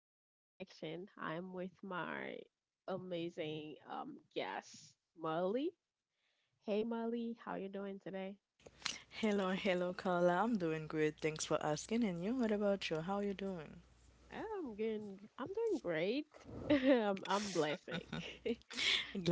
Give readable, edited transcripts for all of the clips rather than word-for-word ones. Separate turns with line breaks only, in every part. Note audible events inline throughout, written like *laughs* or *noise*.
Color Connection. I'm with my amazing guest, Molly. Hey Molly, how you doing today?
Hello, hello, Carla. I'm doing great. Thanks for asking. And you, what about you? How you doing?
I'm good. I'm doing great. *laughs* I'm blessing.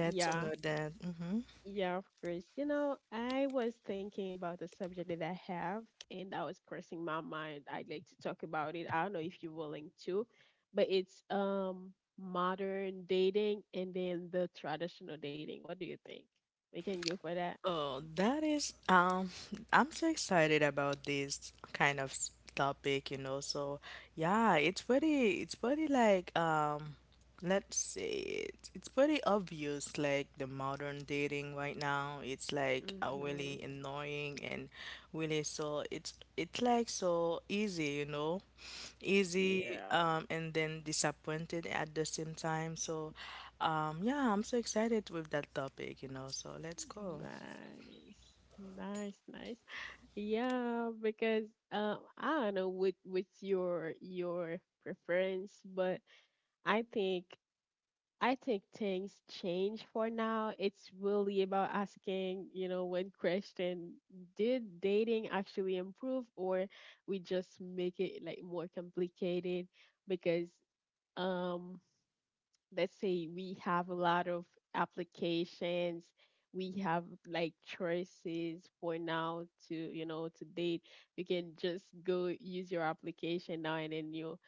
*laughs*
to
Yeah.
know that. Mhm.
Yeah, of course. You know, I was thinking about the subject that I have, and that was crossing my mind. I'd like to talk about it. I don't know if you're willing to, but it's modern dating and then the traditional dating. What do you think? We can go for that.
Oh, that is, *laughs* I'm so excited about this kind of topic, you know. So, yeah, it's pretty like, let's say it's pretty obvious, like the modern dating right now. It's like
Mm-hmm.
really annoying and really so it's like so easy, you know, easy,
Yeah.
and then disappointed at the same time. So, yeah, I'm so excited with that topic, you know. So let's go.
Nice. Nice, nice. Yeah, because I don't know what's your preference, but I think I think things change for now. It's really about asking, you know, one question, did dating actually improve, or we just make it like more complicated because um let's say we have a lot of applications, we have like choices for now to, you know, to date. You can just go use your application now and then you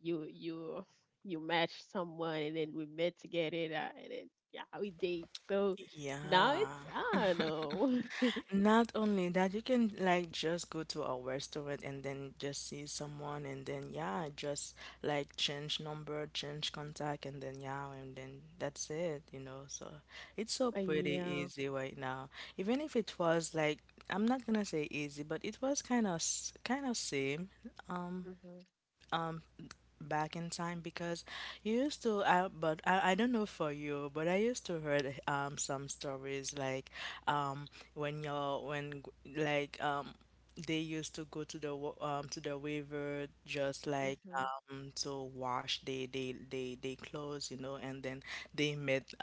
you you match someone and then we met together and then yeah, we date. So now it's,
Yeah.
I don't know. *laughs*
Not only that, you can like just go to a restaurant and then just see someone and then yeah, just like change number, change contact and then yeah, and then that's it, you know. So it's so pretty
Yeah.
easy right now. Even if it was like I'm not gonna say easy, but it was kind of same um
Mhm.
um back in time because you used to I don't know for you but I used to heard some stories like um when you're when like they used to go to the to the river just like
Mhm.
to wash they clothes you know and then they met,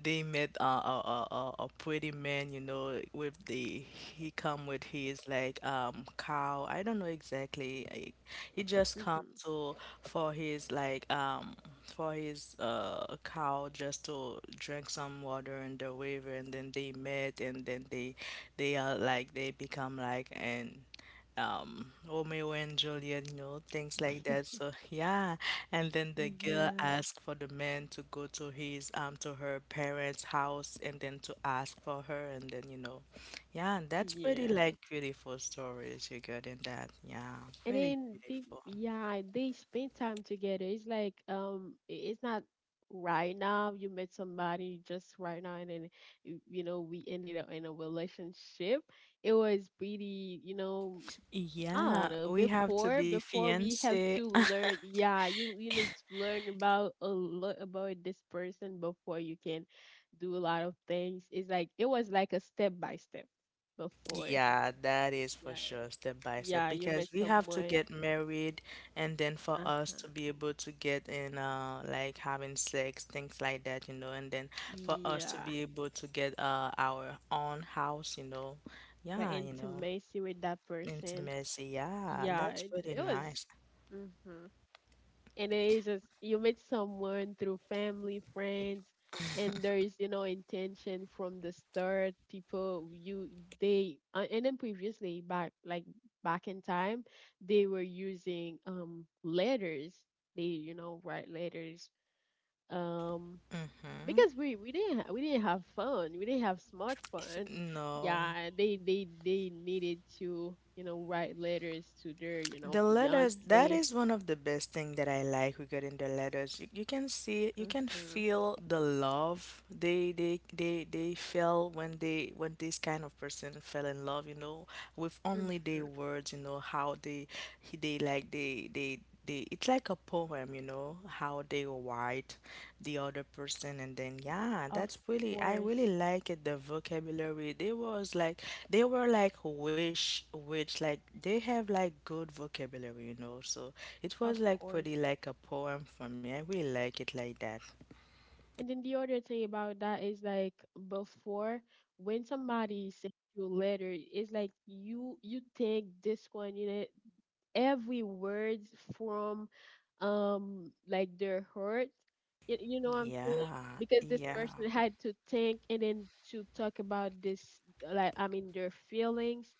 they met a pretty man you know with the he come with his like cow I don't know exactly like, he just come
Mhm.
to for his like for his cow just to drink some water in the river and then they met and then they are like they become like and Romeo and Juliet, you know, things like that. So yeah. And then the
*laughs*
girl
Yeah.
asked for the man to go to his to her parents' house and then to ask for her and then you know. Yeah, that's pretty
Yeah,
like beautiful stories you got in that. Yeah,
and
pretty
then peop
beautiful.
yeah, they spend time together. It's like it's not, right now you met somebody just right now and then you know, we ended up in a relationship. It was pretty, you know. I don't
Yeah,
know.
we have to
Before,
be
before we have
fiancé.
to
*laughs*
learn, yeah, you need to learn about a lot about this person before you can do a lot of things. It's like it was like a step by step before.
Yeah, that is for
Yeah,
sure, step by step,
yeah, you met
because we have to
someone.
get married and then for us to
Uh-huh.
be able to get in like having sex, things like that, you know, and then for us to
Yeah,
be able to get our own house, you know.
the
Yeah, you know,
intimacy with that person.
intimacy. Yeah,
Yeah,
that's
it,
pretty
it was.
nice.
Mm-hmm. And it is just you meet someone through family, friends, and there is, you know, intention from the start. People you, they and then previously back like back in time, they were using letters. They, you know, write letters. Um,
Mm-hmm.
because we didn't have phone, we didn't have smartphone.
*laughs* No.
Yeah, they they needed to, you know, write letters to their, you know,
The letters, that
fiance.
is one of the best thing that I like regarding the letters. You can see, you can
Mm-hmm.
feel the love they feel when they when this kind of person fell in love, you know, with only their
Mm-hmm.
words, you know, how they he- they like they they they it's like a poem, you know, how they write the other person and then yeah,
Of
that's really I really
course.
like it the vocabulary. They was like they were like wish which like they have like good vocabulary, you know. So it was
Of
like pretty
course.
like a poem for me. I really like it like that.
And then the other thing about that is like before, when somebody sends you a letter, it's like you take this one, you know, every word from, like their heart. You know what I'm saying?
Yeah,
Because this
yeah.
person had to think and then to talk about this, like I mean their feelings.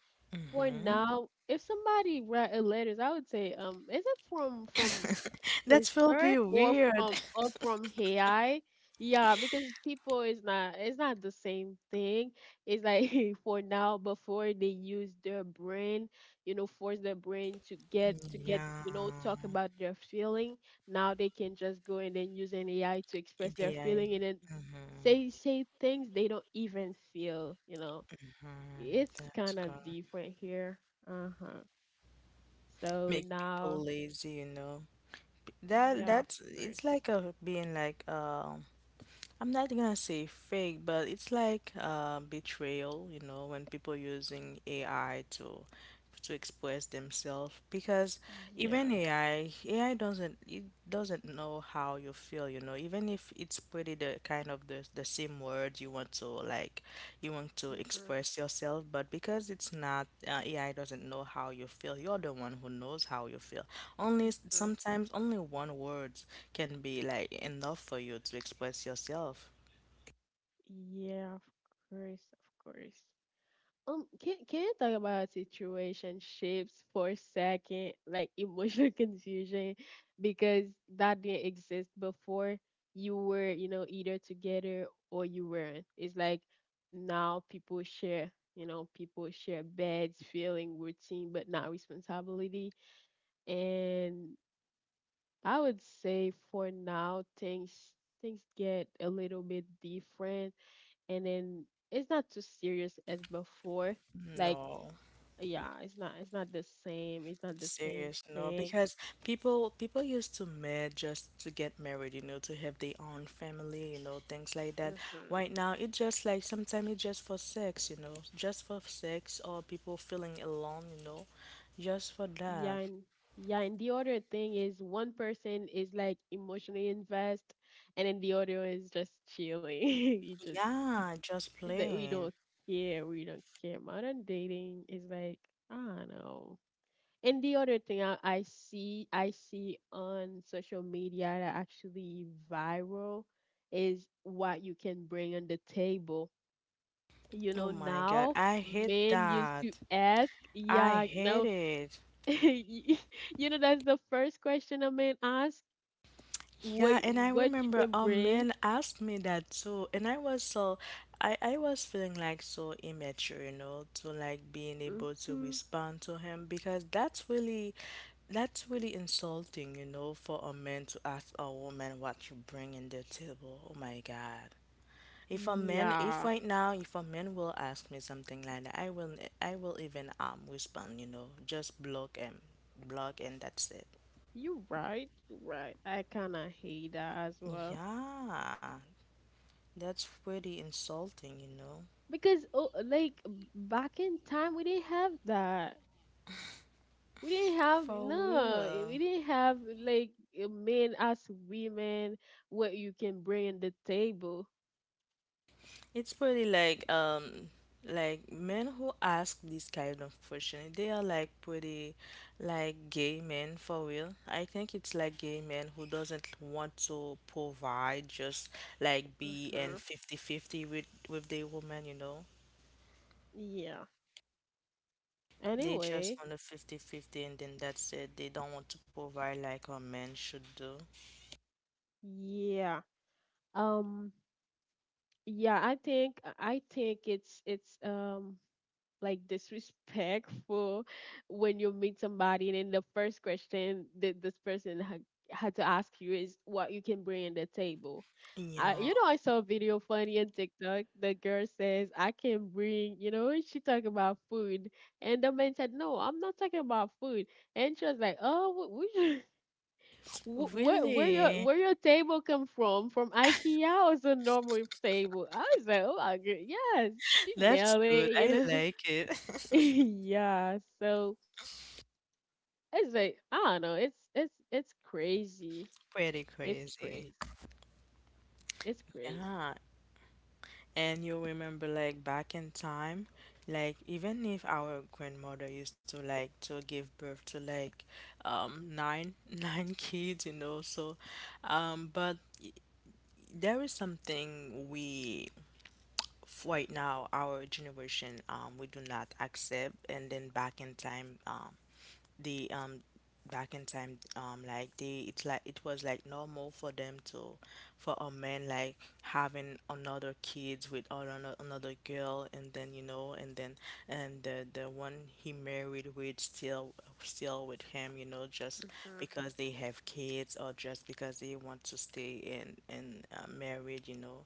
For
Mm-hmm.
now, if somebody write a letters, I would say, is it from
That
his
will be
hurt or
weird.
from,
*laughs*
or from AI. Yeah, because people is not, it's not the same thing. It's like *laughs* for now, before, they use their brain, you know, force their brain to get, you know, talk
Yeah.
about their feeling. Now they can just go and then use an AI to express their
Yeah.
feeling and then
Mm-hmm.
say things they don't even feel, you know.
Mm-hmm.
It's
That's
kind of
good.
different here. Uh-huh. So
Make people
now,
lazy, you know. That
yeah, of
that's it's
course.
like a being like I'm not gonna say fake, but it's like betrayal, you know, when people using AI to express themselves because even
Yeah.
AI doesn't know how you feel, you know, even if it's pretty the kind of the same word you want to like you want to
Mm-hmm.
express yourself, but because it's not AI doesn't know how you feel, you're the one who knows how you feel. Only
Mm-hmm.
sometimes only one word can be like enough for you to express yourself.
Yeah, of course, of course. Can you talk about situationships for a second, like emotional *laughs* confusion, because that didn't exist before. You were, you know, either together or you weren't. It's like now people share, you know, people share beds, feeling, routine, but not responsibility. And I would say for now, things get a little bit different, and then it's not too serious as before. Like,
No,
yeah, it's not the same. It's not the same
serious, no,
thing.
because people used to marry just to get married, you know, to have their own family, you know, things like that.
Mm-hmm.
Right now, it's just like sometimes it's just for sex, you know, just for sex or people feeling alone, you know, just for
Yeah,
that.
and yeah, and the other thing is one person is like emotionally invest, and then the other one is just chilling. *laughs* You just *laughs*
Yeah, just
it's like we don't
playing.
care, we don't care. Modern dating is like, I don't know. And the other thing I see, I see on social media that actually viral is what you can bring on the table. You
Oh
know,
my God,
now
I hate
men used to
that.
ask,
I
yeah,
hate
no,
it.
*laughs* y- you know, that's the first question a man asks.
Yeah,
Wait,
and I
what you
remember
can
a
bring?
man asked me that too, and I was so I was feeling like so immature, you know, to like being able to
Hmm.
respond to him because that's really insulting, you know, for a man to ask a woman what you bring in the table. Oh my God. If a man, if
Yeah,
right now, if a man will ask me something like that, I will even respond, you know, just block him, block, and that's it.
you're right, you're right. I kind of hate that as well
Yeah, that's pretty insulting, you know.
because, oh, like back in time we didn't have that. We didn't have
For
no,
real.
we didn't have like, men as women, what you can bring in the table.
It's pretty like men who ask this kind of question, they are like pretty like gay men for real. I think it's like gay men who doesn't want to provide just like be
Hmm.
and fifty-fifty with their woman, you know.
Yeah.
They
Anyway.
just want a fifty-fifty, and then that's it. They don't want to provide like a man should do.
Yeah. um yeah, I think it's like disrespectful when you meet somebody and then the first question that this person had to ask you is what you can bring in the table. I,
Yeah.
you know, I saw a video funny on TikTok. The girl says, I can bring, you know, she talking about food. And the man said, no, I'm not talking about food. And she was like, oh, we *laughs* where your
Really?
where your table come from? From IKEA or it's a normal table? I was like, oh my god, yes, she
That's
nailed it,
good.
you
I
know.
like it.
*laughs*
*laughs*
Yeah. So it's like I don't know. It's it's crazy.
Pretty
It's crazy.
crazy.
It's crazy.
Yeah. And you remember like back in time, like even if our grandmother used to like to give birth to like nine *laughs* nine kids, you know, so but there is something we right now our generation we do not accept and then back in time the back in time like they it's like it was like normal for them to for a man like having another kids with all another girl and then you know and then and the one he married with still with him you know just
Mhm.
because they have kids or just because they want to stay in married you know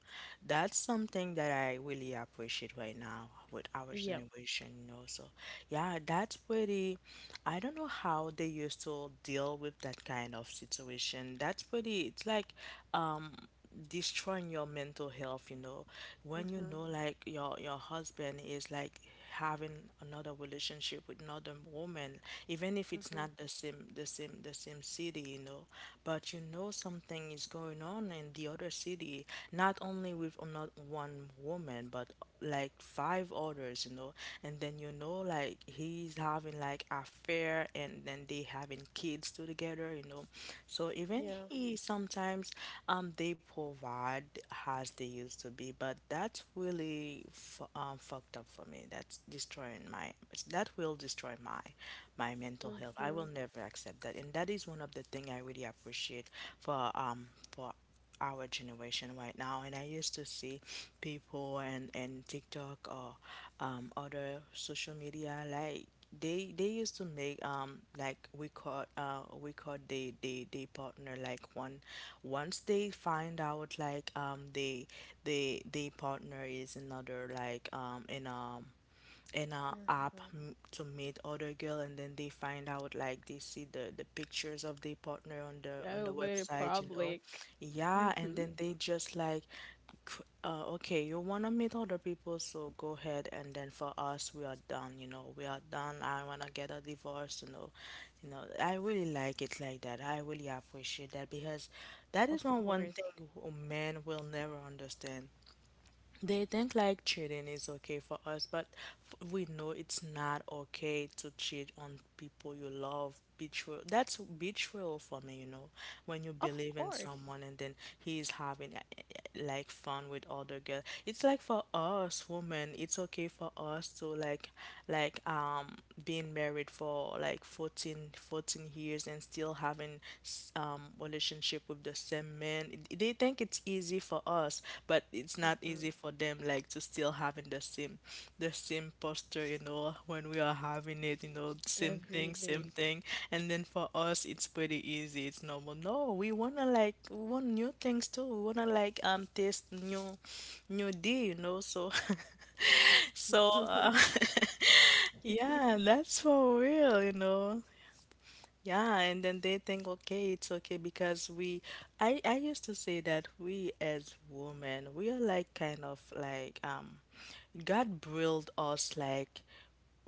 that's something that I really appreciate right now with our
Yep.
generation you know so yeah that's pretty I don't know how they used to deal with that kind of situation. That's pretty, it's like um destroying your mental health, you know. When you
Mhm.
know like your husband is like having another relationship with another woman, even if it's
Mhm.
not the same city, you know, but you know something is going on in the other city, not only with another one woman, but like five others, you know, and then you know like he's having like affair and then they having kids too together, you know. So even
Yeah.
he sometimes they provide as they used to be, but that's really fucked up for me. That's destroying my that will destroy my my mental health. I will
Mhm.
never accept that, and that is one of the thing I really appreciate for our generation right now. And I used to see people and TikTok or other social media like they used to make like we caught they partner like one once they find out like they they partner is another like in a app
Mhm.
to meet other girl and then they find out like they see the pictures of their partner on
Oh,
the
very
website you know
public.
yeah and
Mhm.
then they just like okay you want to meet other people so go ahead and then for us we are done you know we are done I want to get a divorce you know. You know I really like it like that I really appreciate that because that is
Of
one
course.
thing men will never understand. They think like cheating is okay for us, but we know it's not okay to cheat on people you love. Betrayal. That's betrayal for me, you know. When you
Of
believe in
course.
someone and then he is having like fun with other girl. It's like for us women, it's okay for us to like being married for like 14 years and still having relationship with the same man. It- They think it's easy for us, but it's not
Mhm.
easy for them. Like to still having the same posture. You know, when we are having it, you know, same
Every
thing, same
day.
thing. And then for us, it's pretty easy. It's normal. No, we wanna like we want new things too. We wanna like taste new, new D. You know, so. *laughs* So,
*laughs*
*laughs* yeah, that's for real, you know. Yeah, and then they think, okay, it's okay because we, I used to say that we as women, we are like kind of like, God built us like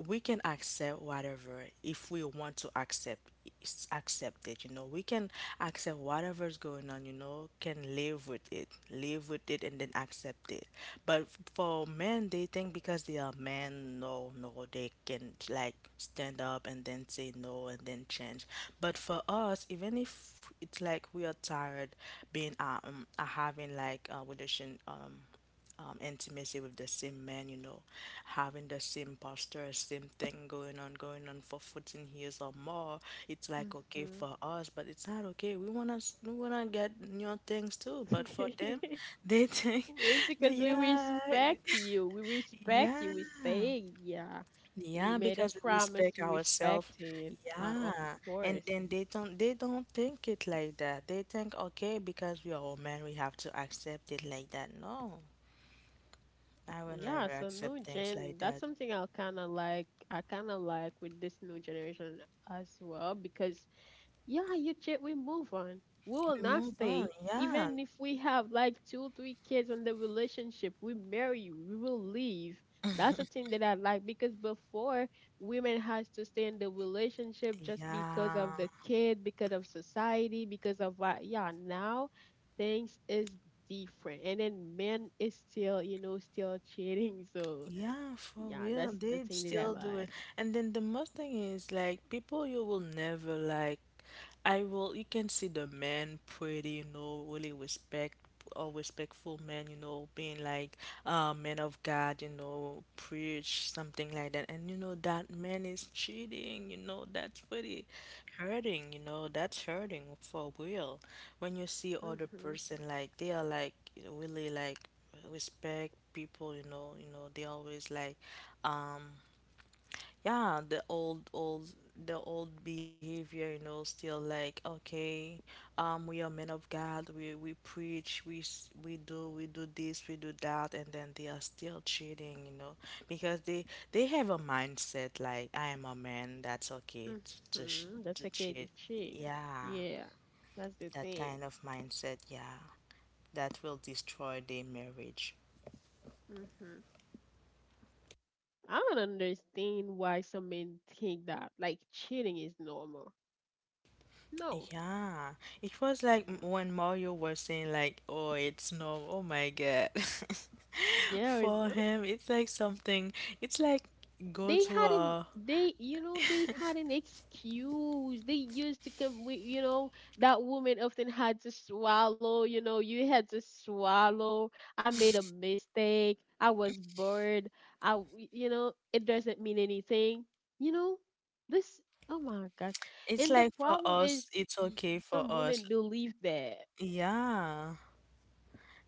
we can accept whatever if we want to accept accept it, you know, we can accept whatever's going on, you know, can live with it, and then accept it. But for men, they think because they are men, no, no, they can like stand up and then say no and then change. But for us, even if it's like we are tired being having like a relation intimacy with the same man, you know, having the same posture, same thing going on for 14 years or more. It's like okay
Mhm.
for us, but it's not okay. We wanna get new things too, but for them,
*laughs*
they think,
It's
*laughs*
because we
yeah,
respect you. We respect
yeah,
you. We stay. Yeah. We
yeah,
made a
because we
promise.
respect
We
ourselves.
respect it. Of
Yeah, and
course.
then they don't think it like that. They think okay because we are a man, we have to accept it like that. No. I will
Yeah.
never
So
accept
new
things like
gen. That's
that.
something I kind of like. I kind of like with this new generation as well, because, yeah, you check, we move on. We will
We
not
move on.
stay.
Yeah.
Even if we have like two, three kids in the relationship, we marry, we will leave. That's the thing that I like because before women has to stay in the relationship just because
Yeah.
of the kid, because of society, because of what, yeah, now things is different. And then men is still, you know, still cheating. So
Yeah, for
yeah,
real.
that's the
They'd
thing that
still do it.
I
And then the most thing is like people you will never like. You can see the men pretty, you know, really respect or respectful men, you know, being like men of God, you know, preach something like that. And you know that man is cheating, you know, that's pretty hurting, you know, that's hurting for real. When you see other
like.
person, like they are like really like respect people, you know they always like um yeah, the old behavior, you know, still like okay, we are men of God, we preach, we do this, we do that, and then they are still cheating, you know. Because they have a mindset like I am a man, that's okay to, sh-
Mm-hmm. That's
to
okay to
cheat,
tree.
yeah,
Yeah, that's the
that
thing.
kind of mindset, yeah, that will destroy their marriage.
Mm-hmm. I don't understand why some men think that like cheating is normal. No.
Yeah, it was like
Yeah.
when Mario was saying like, "Oh, it's normal." Oh my God. *laughs*
Yeah, it's,
For him, it's like something. It's like go
they
to
had an,
a.
they, you know, they had an excuse they used to come with, you know, that woman often had to swallow, you know, you had to swallow. I made a mistake, I was bored, you know, it doesn't mean anything, you know, this, oh my gosh.
It's
And the
like for
problem
us,
is,
it's
y-
okay for
some
us.
women believe that.
Yeah.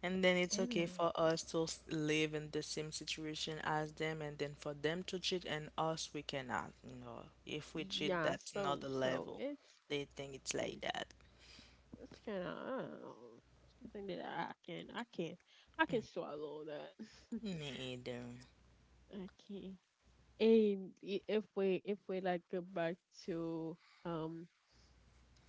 And then it's okay
Anyway.
for us to live in the same situation as them, and then for them to cheat and us, we cannot. You know, if we cheat,
Yeah,
that's
so
another
so
level.
it's,
They think it's like that.
that's kind of I don't know, something that I can swallow that.
Me either.
*laughs* I can. And if we, if we like go back to, um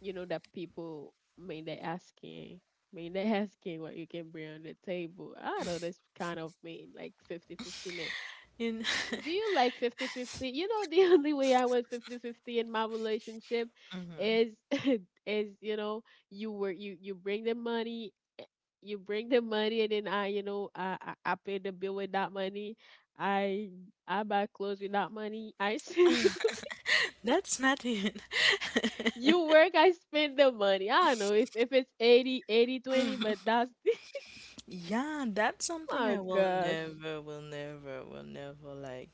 you know, that people mean they asking, mean they *laughs* asking what you can bring on the table. I know that's kind of mean like fifty 50.
You
Do you like 50-50? You know, *laughs* the only way I went 50-50 in my relationship
know? *laughs*
is *laughs* is, you know, you were, you bring the money, eh, you bring the money and then I, you know, I pay the bill with that money. I I buy clothes with that money. I spend
That's not even,
*laughs* you work, I spend the money. I don't know if it's 80 20, but that's
*laughs* yeah, that's
*laughs*
something
my
I will
gosh.
never, will never, will never like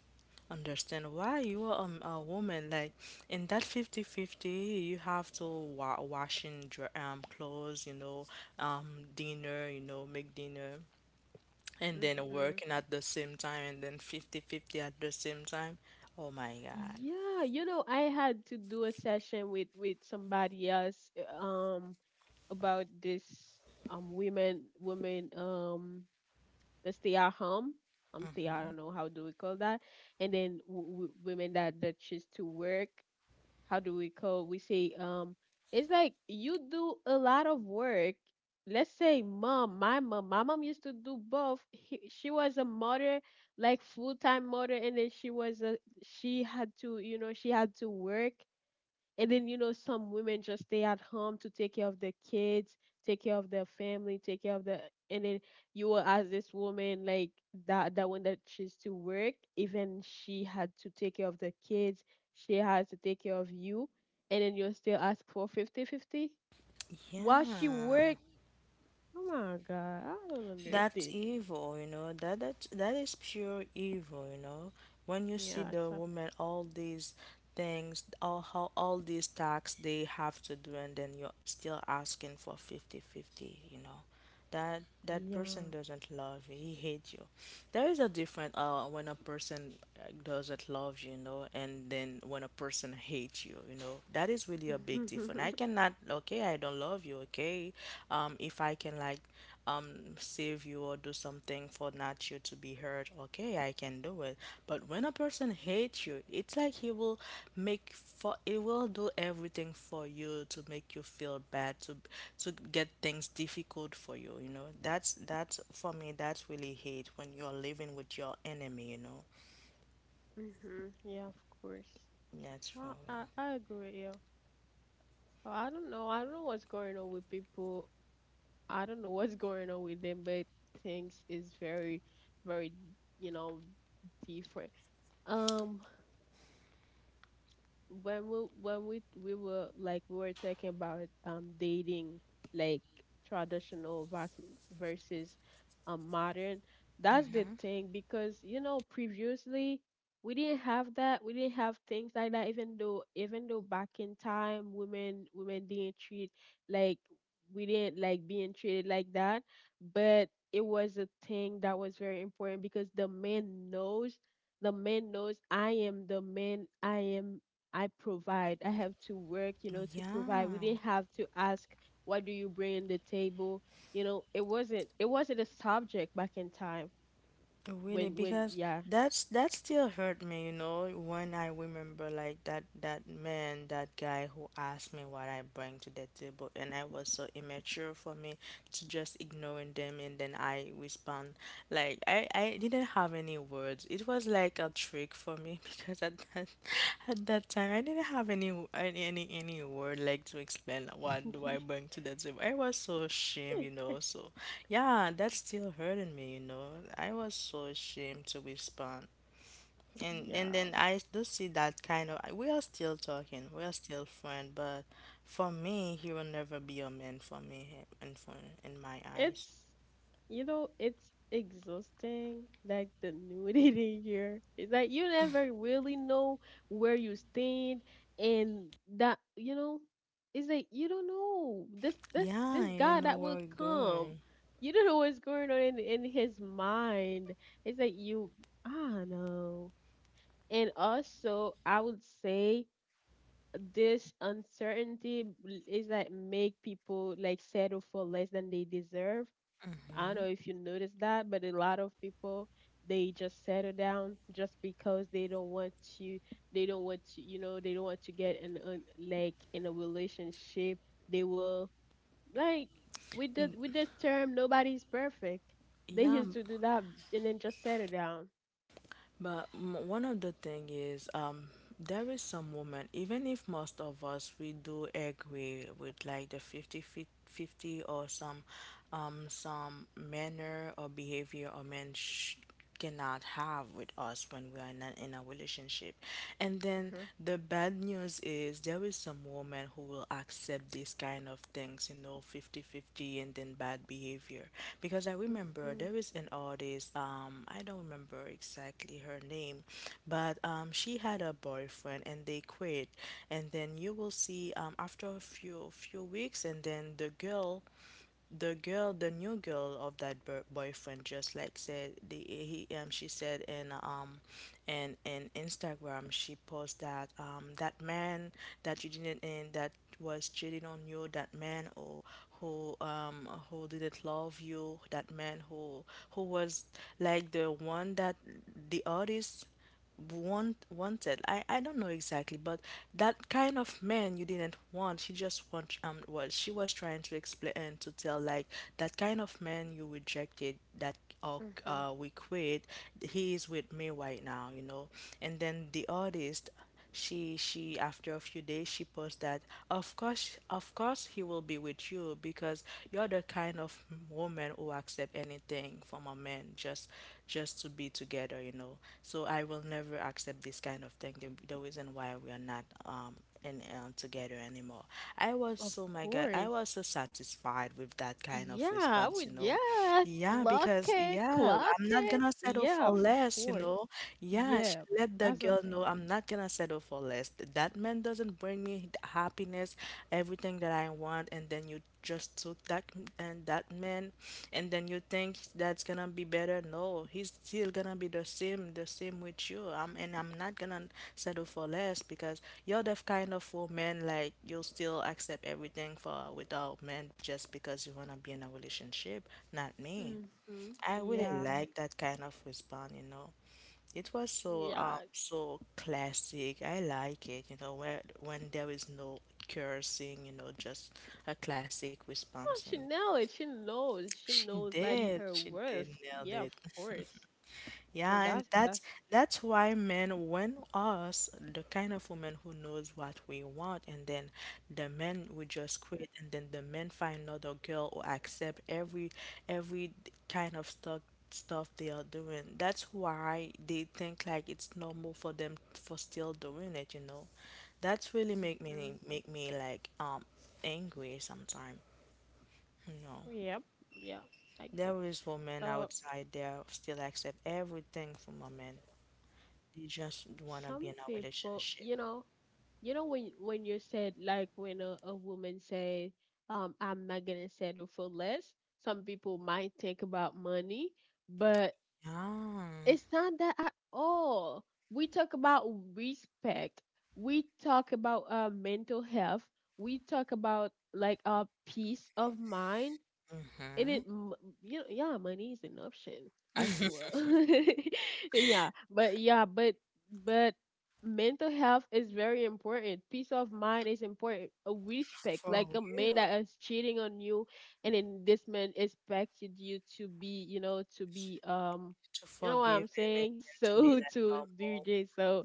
understand why you are a woman. Like in that fifty-fifty, you have to wa washing dr clothes, you know, dinner, you know, make dinner, and then
Mm-hmm.
working at the same time, and then fifty-fifty at the same time. Oh my God.
Yeah, you know, I had to do a session with somebody else about this women that stay at home. Um, stay, I
Mm-hmm.
don't know how do we call that. And then women that choose to work, how do we call, we say, it's like you do a lot of work. Let's say mom, my mom used to do both. She was a mother, like full-time mother, and then she was a, she had to, you know, she had to work. And then, you know, some women just stay at home to take care of their kids, take care of their family, take care of the, and then you will ask this woman like that, one that she's to work, even she had to take care of the kids, she has to take care of you, and then you're still ask for fifty while
Yeah.
she work. Oh my god, I don't
That's
understand that.
evil, you know. That is pure evil, you know. When you see
Yeah,
the
so
woman, all these things, all these tasks they have to do, and then you're still asking for fifty-fifty, you know. That
yeah. *laughs*
person doesn't love you. He hates you. There is a difference when a person doesn't love you, you know, and then when a person hates you, you know, that is really a big difference.
Hmm.
I cannot, okay, I don't love you, okay. If I can like um save you or do something for not you to be hurt, okay, hey, I can do it. But when a person hates you, it's like he will make for he will do everything for you to make you feel bad, to get things difficult for you, you know. That's for me, that's really hate when you're living with your enemy, you know.
Yeah, of course.
That's for
Well,
real.
I agree with you. Well, I don't know. I don't know what's going on with people. I don't know what's going on with them, but things is very, very, you know, different. Um, when we, when we were like we were talking about dating, like traditional versus modern, that's the thing. Because you know previously we didn't have that, we didn't have things like that. Even though, even though back in time, women didn't treat, like, we didn't like being treated like that, but it was a thing that was very important because the man knows, the man knows, I am the man. I provide. I have to work, to provide. We
Yeah.
didn't have to ask, what do you bring in the table? It wasn't a subject back in time
Really,
when,
because
yeah.
that still hurt me, you know, when I remember like that man, that guy who asked me what I bring to the table, and I was so immature for me to just ignoring them, and then I respond like I didn't have any words. It was like a trick for me *laughs* because at that time I didn't have any w- any word like to explain what do I
*laughs*
bring to the table. I was so ashamed, you know. So yeah, that's still hurting me, you know. I was so ashamed to respond. And
Yeah.
then I do see that kind of, we are still talking, we are still friends, but for me he will never be a man for me and for in my eyes.
It's it's exhausting, like the nudity *laughs* here. It's like you never really know where you stand, and that you know, it's like you don't know this this
Yeah,
this
you
guy
know
that
where
will
we're
come.
going.
You don't know what's going on in his mind. It's like you I don't know. And also I would say this uncertainty is like make people like settle for less than they deserve. I don't
Hmm.
know if you noticed that, but a lot of people, they just settle down just because they don't want to get in a, like, in a relationship. They will, like, with the with this term, nobody's perfect. They
Yeah,
used to do that, and then just settle down.
but one of the thing is, there is some women, even if most of us we do agree with like the 50, 50 or some manner or behavior a man cannot have with us when we are not in a relationship. And then
Hmm.
the bad news is there is some women who will accept these kind of things, you know, fifty-fifty, and then bad behavior. Because I remember
Hmm.
there is an artist, I don't remember exactly her name, but she had a boyfriend and they quit. And then you will see after a few weeks, and then the new girl of that boyfriend, just like said the he she said in Instagram, she posted that that man, that you didn't, and that was cheating on you, that man, or who didn't love you, that man who was like the one that the artist wanted. I don't know exactly, but that kind of man you didn't want. She was trying to explain and to tell like that kind of man you rejected, that uh,
Hmm.
we quit. He is with me right now, you know. And then the artist, she after a few days she posts that, of course he will be with you because you're the kind of woman who accept anything from a man just to be together, you know, so I will never accept this kind of thing, the reason why we are not and together anymore. I was
Of
so my God, I
course.
was so satisfied with that kind of
Yeah, I
response, you
would.
know.
Yeah,
Yeah,
clock
because
it,
yeah,
clock
I'm not
it.
gonna settle
Yeah,
for
of
less, you
course.
know. Yeah, she
Yeah,
let the
that's the
girl know
thing.
I'm not gonna settle for less. That man doesn't bring me happiness, everything that I want, and then you just took that and that man, and then you think that's gonna be better. No, he's still gonna be the same with you, I'm and I'm not gonna settle for less because you're the kind of woman like you'll still accept everything for without men just because you wanna be in a relationship, not me.
Mm-hmm.
I really
Yeah,
like that kind of response, you know. It was so um
yeah. No,
so classic. I like it, you know, where when there is no cursing, you know, just a classic response. And
she know it. She knows. She
she
knows, like,
did,
her
she did
worth.
nail
Yeah, of
it. *laughs*
course.
Yeah,
So
and
that's
that's
that's.
that's why men want us, the kind of woman who knows what we want, and then the men would just quit, and then the men find another girl or accept every kind of stuff they are doing. That's why they think like it's normal for them for still doing it, you know. That's really make me
Hmm.
make me like angry sometimes, you know.
Yep. Yeah, I agree.
There is women
So
outside there still accept everything from a man. They just wanna be
some
in a
people,
relationship.
when you said, like, when a woman said, I'm not gonna settle for less. Some people might think about money, but
Yeah.
it's not that at all. We talk about respect. We talk about mental health. We talk about, like, our peace of mind, and
Mm-hmm.
yeah, money is an option as well. *laughs* yeah but yeah but but mental health is very important, peace of mind is important, a respect, like
For
a man
real.
that is cheating on you, and then this man expected you to be,
To
you know what
forgive
I'm
him and
saying,
then to be
so *laughs* to
like
do this. So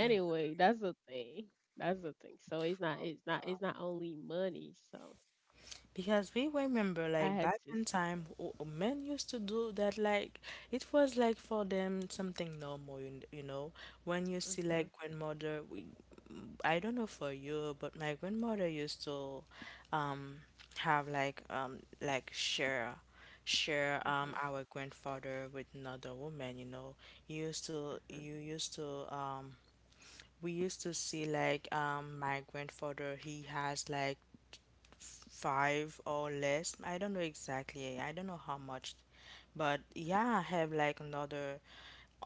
normal.
that's the thing, so it's not only money. So
Because we remember,
I
like
had
back
to s-
in time, men used to do that. Like it was like for them something normal, you know. When you see like
Mhm,
grandmother, I don't know for you, but my grandmother used to, um, have like share
mhm.
our grandfather with another woman. You know,
Mm-hmm.
you used to we used to see like my grandfather he has like five or less. I don't know exactly. I don't know how much, but yeah, I have like another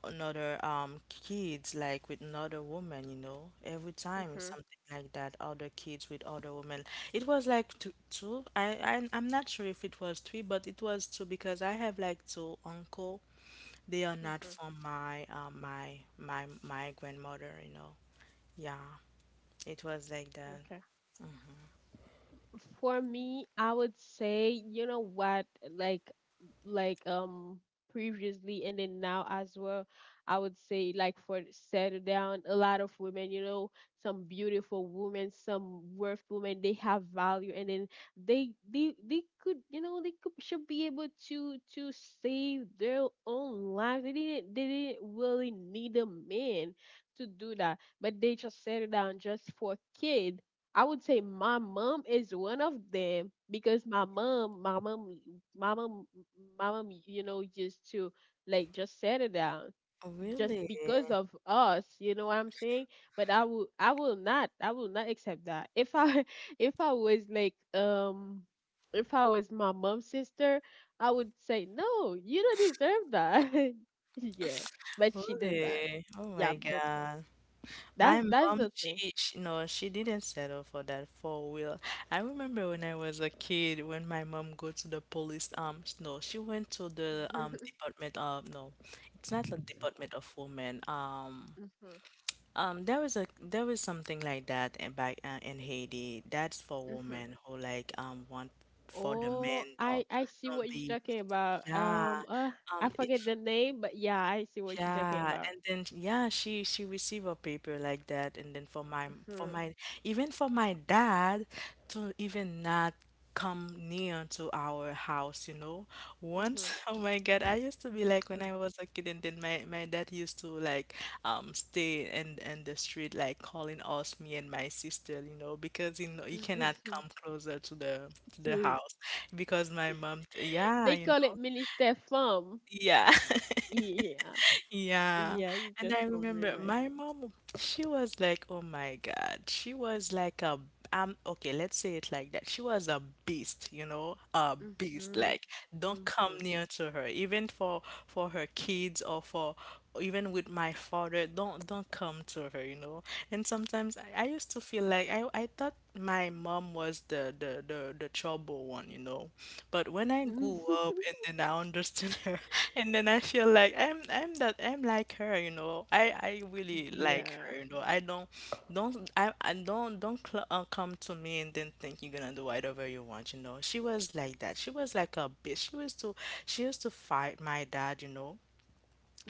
another um kids like with another woman. You know, every time it's
Mm-hmm.
something like that. Other kids with other women. It was like two. I'm not sure if it was three, but it was two because I have like two uncle. They are not
Mm-hmm.
from my grandmother. You know. Yeah, it was like that.
Okay. For me, I would say, you know what, like like um previously and then now as well, I would say, like, for settle down, a lot of women, you know, some beautiful women, some worth women, they have value, and then they could, you know, they could should be able to save their own lives. They didn't really need a man to do that. But they just settle down just for kid. I would say my mom is one of them, because my mom, my mom, you know, used to like just settle down just
Really?
because of us. You know what I'm saying? But I will not accept that. If I, *laughs* if I was like, um, if I was my mom's sister, I would say no, you don't deserve that. *laughs* Yeah, but she does that.
Really? Oh
Yeah,
my
but
God. My
that's
mom,
the thing.
she no, she didn't settle for that four wheel. I remember when I was a kid, when my mom go to the police, no, she went to the
*laughs*
department of, no, it's not the department of women. Um,
Mhm,
um, there was a there was something like that, and back in Haiti. That's for
mhm.
women who like want for the
Oh,
men don't
I see
don't
what you're
be.
talking about.
Yeah.
I
It
forget the name, but yeah, I see what you're talking
Yeah,
about.
and then yeah, she received a paper like that, and then for
Mhm,
my even for my dad, to even not come near to our house, you know. Once,
mhm,
*laughs* oh my God, I used to be like when
mhm.
I was a kid, and then my dad used to like stay in the street, like calling us, me and my sister, you know, because you know you cannot come
*laughs*
closer to the
Dude,
house because my mom, yeah,
they
you
call it
know,
mini step farm.
yeah.
Yeah,
Yeah.
yeah, you
And I
just for me,
remember
right?
my mom, she was like, oh my God. She was like okay, let's say it like that. She was a beast, you know, a beast.
Mhm,
Like, don't
mhm.
come near to her, even for her kids or for even with my father don't come to her, you know. And sometimes I used to feel like I thought my mom was the trouble one, you know, but when I
Mhm.
grew up
*laughs*
and then I understood *laughs* her, and then I feel like I'm like her, you know, I really like
Yeah,
her, you know, I don't I don't cl come to me and then think you're gonna do whatever you want, you know. She was like that, she was like a bitch. She used to, she used to fight my dad, you know.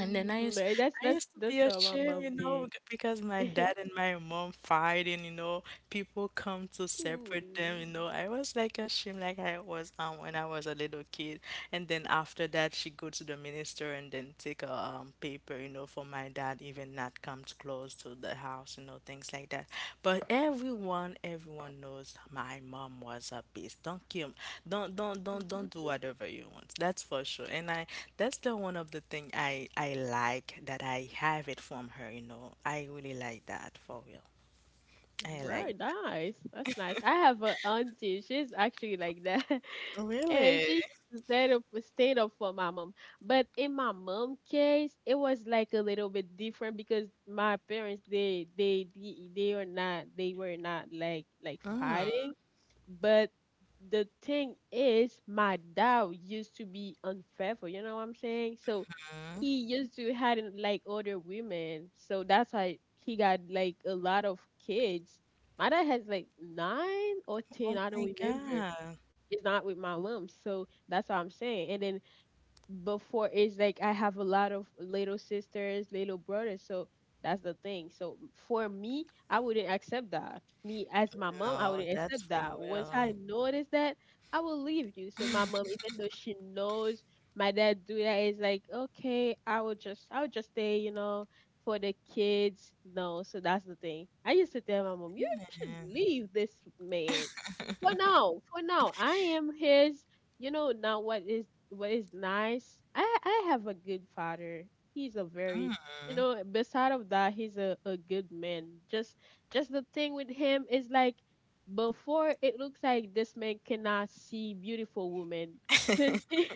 And then
But that's
I
that's
used to be
that's all my
ashamed, you
mom
know,
did.
because my dad
*laughs*
and my mom fighting, you know, people come to
Ooh.
separate them, you know. I was like ashamed, like I was when I was a little kid. And then after that, she go to the minister and then take a paper, you know, for my dad, even now comes close to the house, you know, things like that. But everyone, everyone knows my mom was a beast. Don't kill, don't do
*laughs*
whatever you want. That's for sure. And that's the one of the thing I like that I have it from her. You know, I really like that for real. I like
Right, nice. That's nice. I have an auntie. She's actually like that. *laughs*
that.
And
Really?
she used to stand up for my mom. But in my mom case, it was like a little bit different, because my parents they are not they were not like fighting. But the thing is, my dad used to be unfaithful. You know what I'm saying? So
Mhm.
he used to had like other women. So that's why he got like a lot of kids. My dad has like 9 or 10.
Oh
I don't
my
remember.
God.
It's not with my mom. So that's what I'm saying. And then before, it's like I have a lot of little sisters, little brothers, so that's the thing. So for me, I wouldn't accept that. Me as my mom, I
No,
wouldn't
that's
accept
for
that. Once
real.
I notice that, I will leave you. So my mom, even though she knows my dad do that, is like, okay, I will just stay, you know, for the kids. No, so that's the thing. I used to tell my mom, you should leave this man. For now, I am his. You know, now, what is, what is nice, I have a good father. He's a very, you know, beside of that, he's a good man. Just the thing with him is like before, it looks like this man cannot see beautiful women. Since he,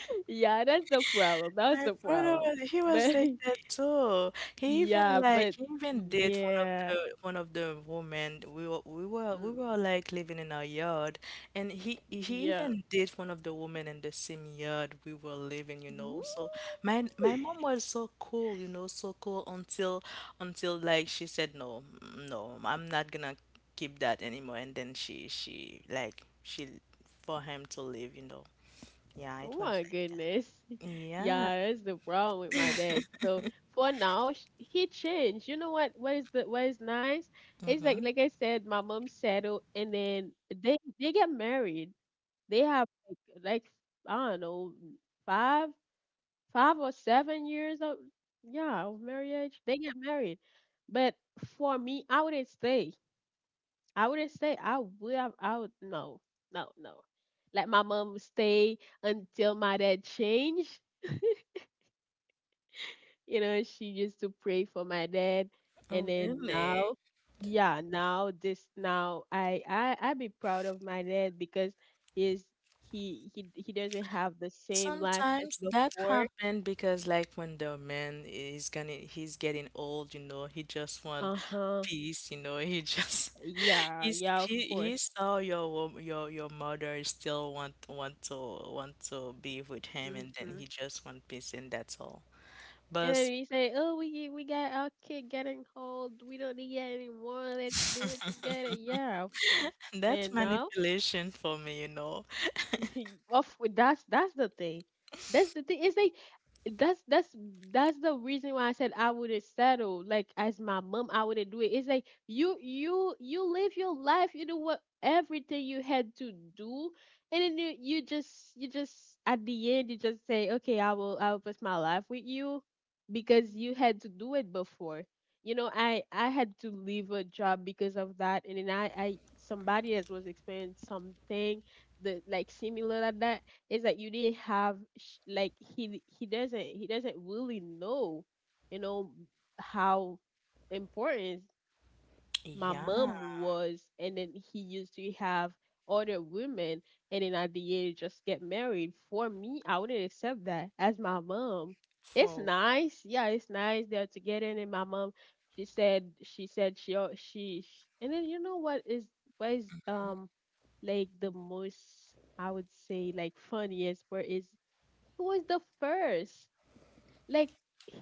*laughs* yeah, that's the problem, that's
My
the
father
problem,
was, he was
but
like that too.
*laughs*
He even
yeah, but
like he even did
yeah.
one of the women we
Mm,
were like living in our yard, and he
yeah.
even did one of the women in the same yard we were living, you
Woo.
know. So my
*laughs*
mom was so cool, you know, so cool until like she said no, no, I'm not gonna keep that anymore, and then she for him to leave, you know. Yeah,
Oh
it was
my
like that.
goodness. *laughs*
Yeah.
Yeah, that's the problem with my dad. So for now, he changed. You know what? What is the what is nice? It's like
Mm-hmm.
like I said, my mom settled, and then they get married. They have like, I don't know, five 5 or 7 years of, yeah, of marriage. They get married, but for me, I wouldn't stay. I wouldn't say I would. I would. No, no, no. Like, my mom stay until my dad changed. You know, she used to pray for my dad, and
Oh,
then
really?
now, yeah, now this now I be proud of my dad because he's, he doesn't have the same life as
Sometimes that
before.
happened because like when the man is gonna, he's getting old, you know, he just want
Uh huh.
peace, you know, he just *laughs*
Yeah, yeah, of
he
course.
saw your your mother still want to be with him, and then he
Mhm.
just want peace and that's all.
And then
But
you say, "Oh, we got our kid getting old. We don't need it anymore. Let's do it together." Yeah, of course.
*laughs* that's
And now
manipulation for me, you know.
*laughs* of that's the thing. That's the thing. It's like that's that's the reason why I said I wouldn't settle. Like as my mom, I wouldn't do it. It's like you live your life. You know what, everything you had to do, and then you just at the end you just say, okay, I will put my life with you because you had to do it before. You know, I had to leave a job because of that, and then I somebody else was experiencing something, the, like, similar like that. Is that you didn't have like he doesn't really know, you know, how important my
Yeah,
mom was, and then he used to have other women, and then at the end just get married. For me, I wouldn't accept that as my mom. It's
for
nice, yeah, it's nice they're together, and then my mom, she said, she said she al- she, sh and then you know what is, like, the most, I would say, like, funniest part is, he was the first, like,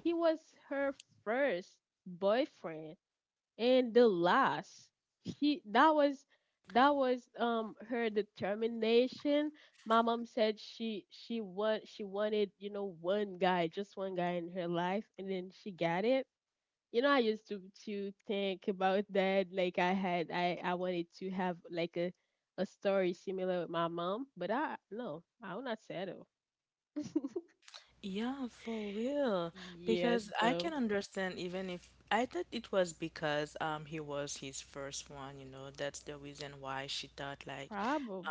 he was her first boyfriend and the last. She, that was, that was, um, her determination. My mom said she wanted, you know, one guy, just one guy in her life, and then she got it. You know, I used to think about that, like I had I wanted to have like a story similar with my mom, but I, no, I will not settle.
yeah, for real.
*laughs* Yeah,
Because I
so
can understand even if I thought it was because he was his first one, you know, that's the reason why she thought like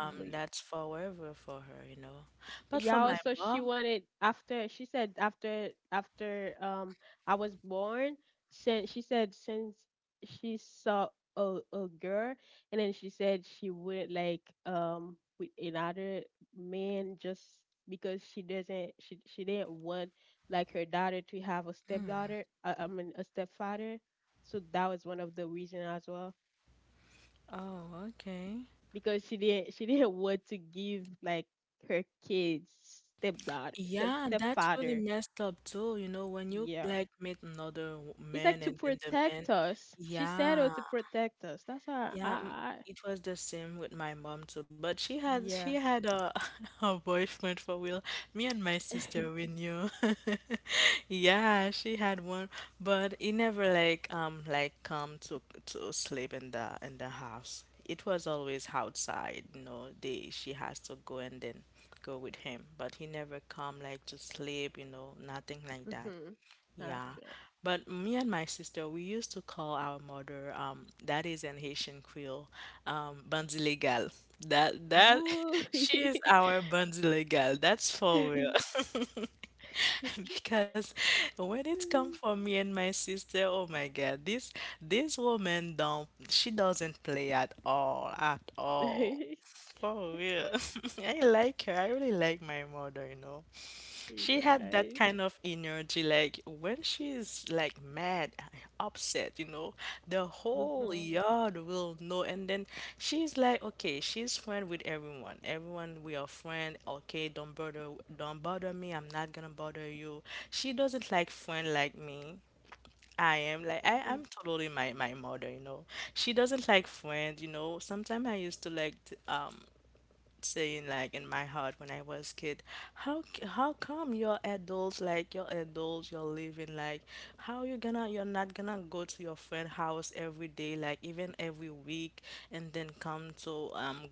that's forever for her, you know. But for
Yeah,
my
also she
mom,
wanted after, she said after I was born, since she said, since she saw a girl, and then she said she wouldn't like, um, with another man, just because she doesn't, she didn't want, like, her daughter to have a stepdaughter,
mm,
I mean, a stepfather. So that was one of the reason as well,
oh, okay.
because she didn't want to give like her kids stepdad, step
Yeah, that's really
stepfather.
messed up too, you know, when you
Yeah.
like meet another
It's like
man
to
and then the man,
protect us. She said, oh,
yeah,
to protect us. That's how I,
yeah,
I
it was the same with my mom too, but she
yeah.
had a *laughs* a boyfriend for real. Me and my
*laughs*
sister we knew. *laughs* Yeah, she had one, but he never like like come to sleep in the house. It was always outside, you know, they she has to go and then go with him, but he never come like to sleep, you know, nothing like that.
Hmm. I
Yeah,
feel.
but me and my sister, we used to call our mother, that is in Haitian Creole, bandit legal. That
Woo.
*laughs*
*laughs*
she is our bandit legal. That's for real. *laughs* Because when it come for me and my sister, oh my God, this woman don't, she doesn't play at all, at all.
Very
For real. *laughs* I like her. I really like my mother, you know. She had that
nice.
kind of energy, like when she's like mad, upset, you know, the whole
Hmm.
yard will know. And then she's like, okay, she's friend with everyone. Everyone, we are friend. Okay, don't bother me. I'm not gonna bother you. She doesn't like friend like me. I am like I
Hmm.
am totally my mother, you know. She doesn't like friend, you know. Sometimes I used to like saying like in my heart when I was kid, how how come you're adults like you're adults you're living like how you gonna you're not gonna go to your friend house every day like even every week and then come to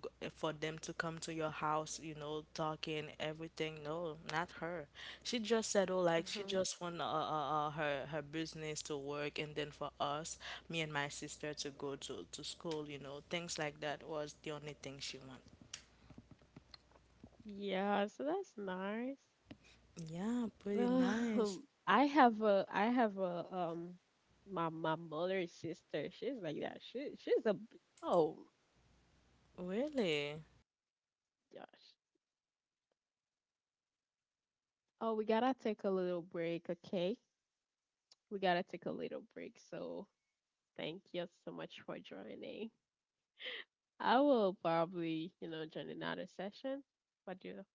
Yeah, so that's nice. Um, *laughs* I have a, I have a, um, my mother's sister. She's like that. She oh, gosh. Oh, we gotta take a little break, okay? We gotta take a little break. So thank you so much for joining. I will probably, you know, join another session. What do you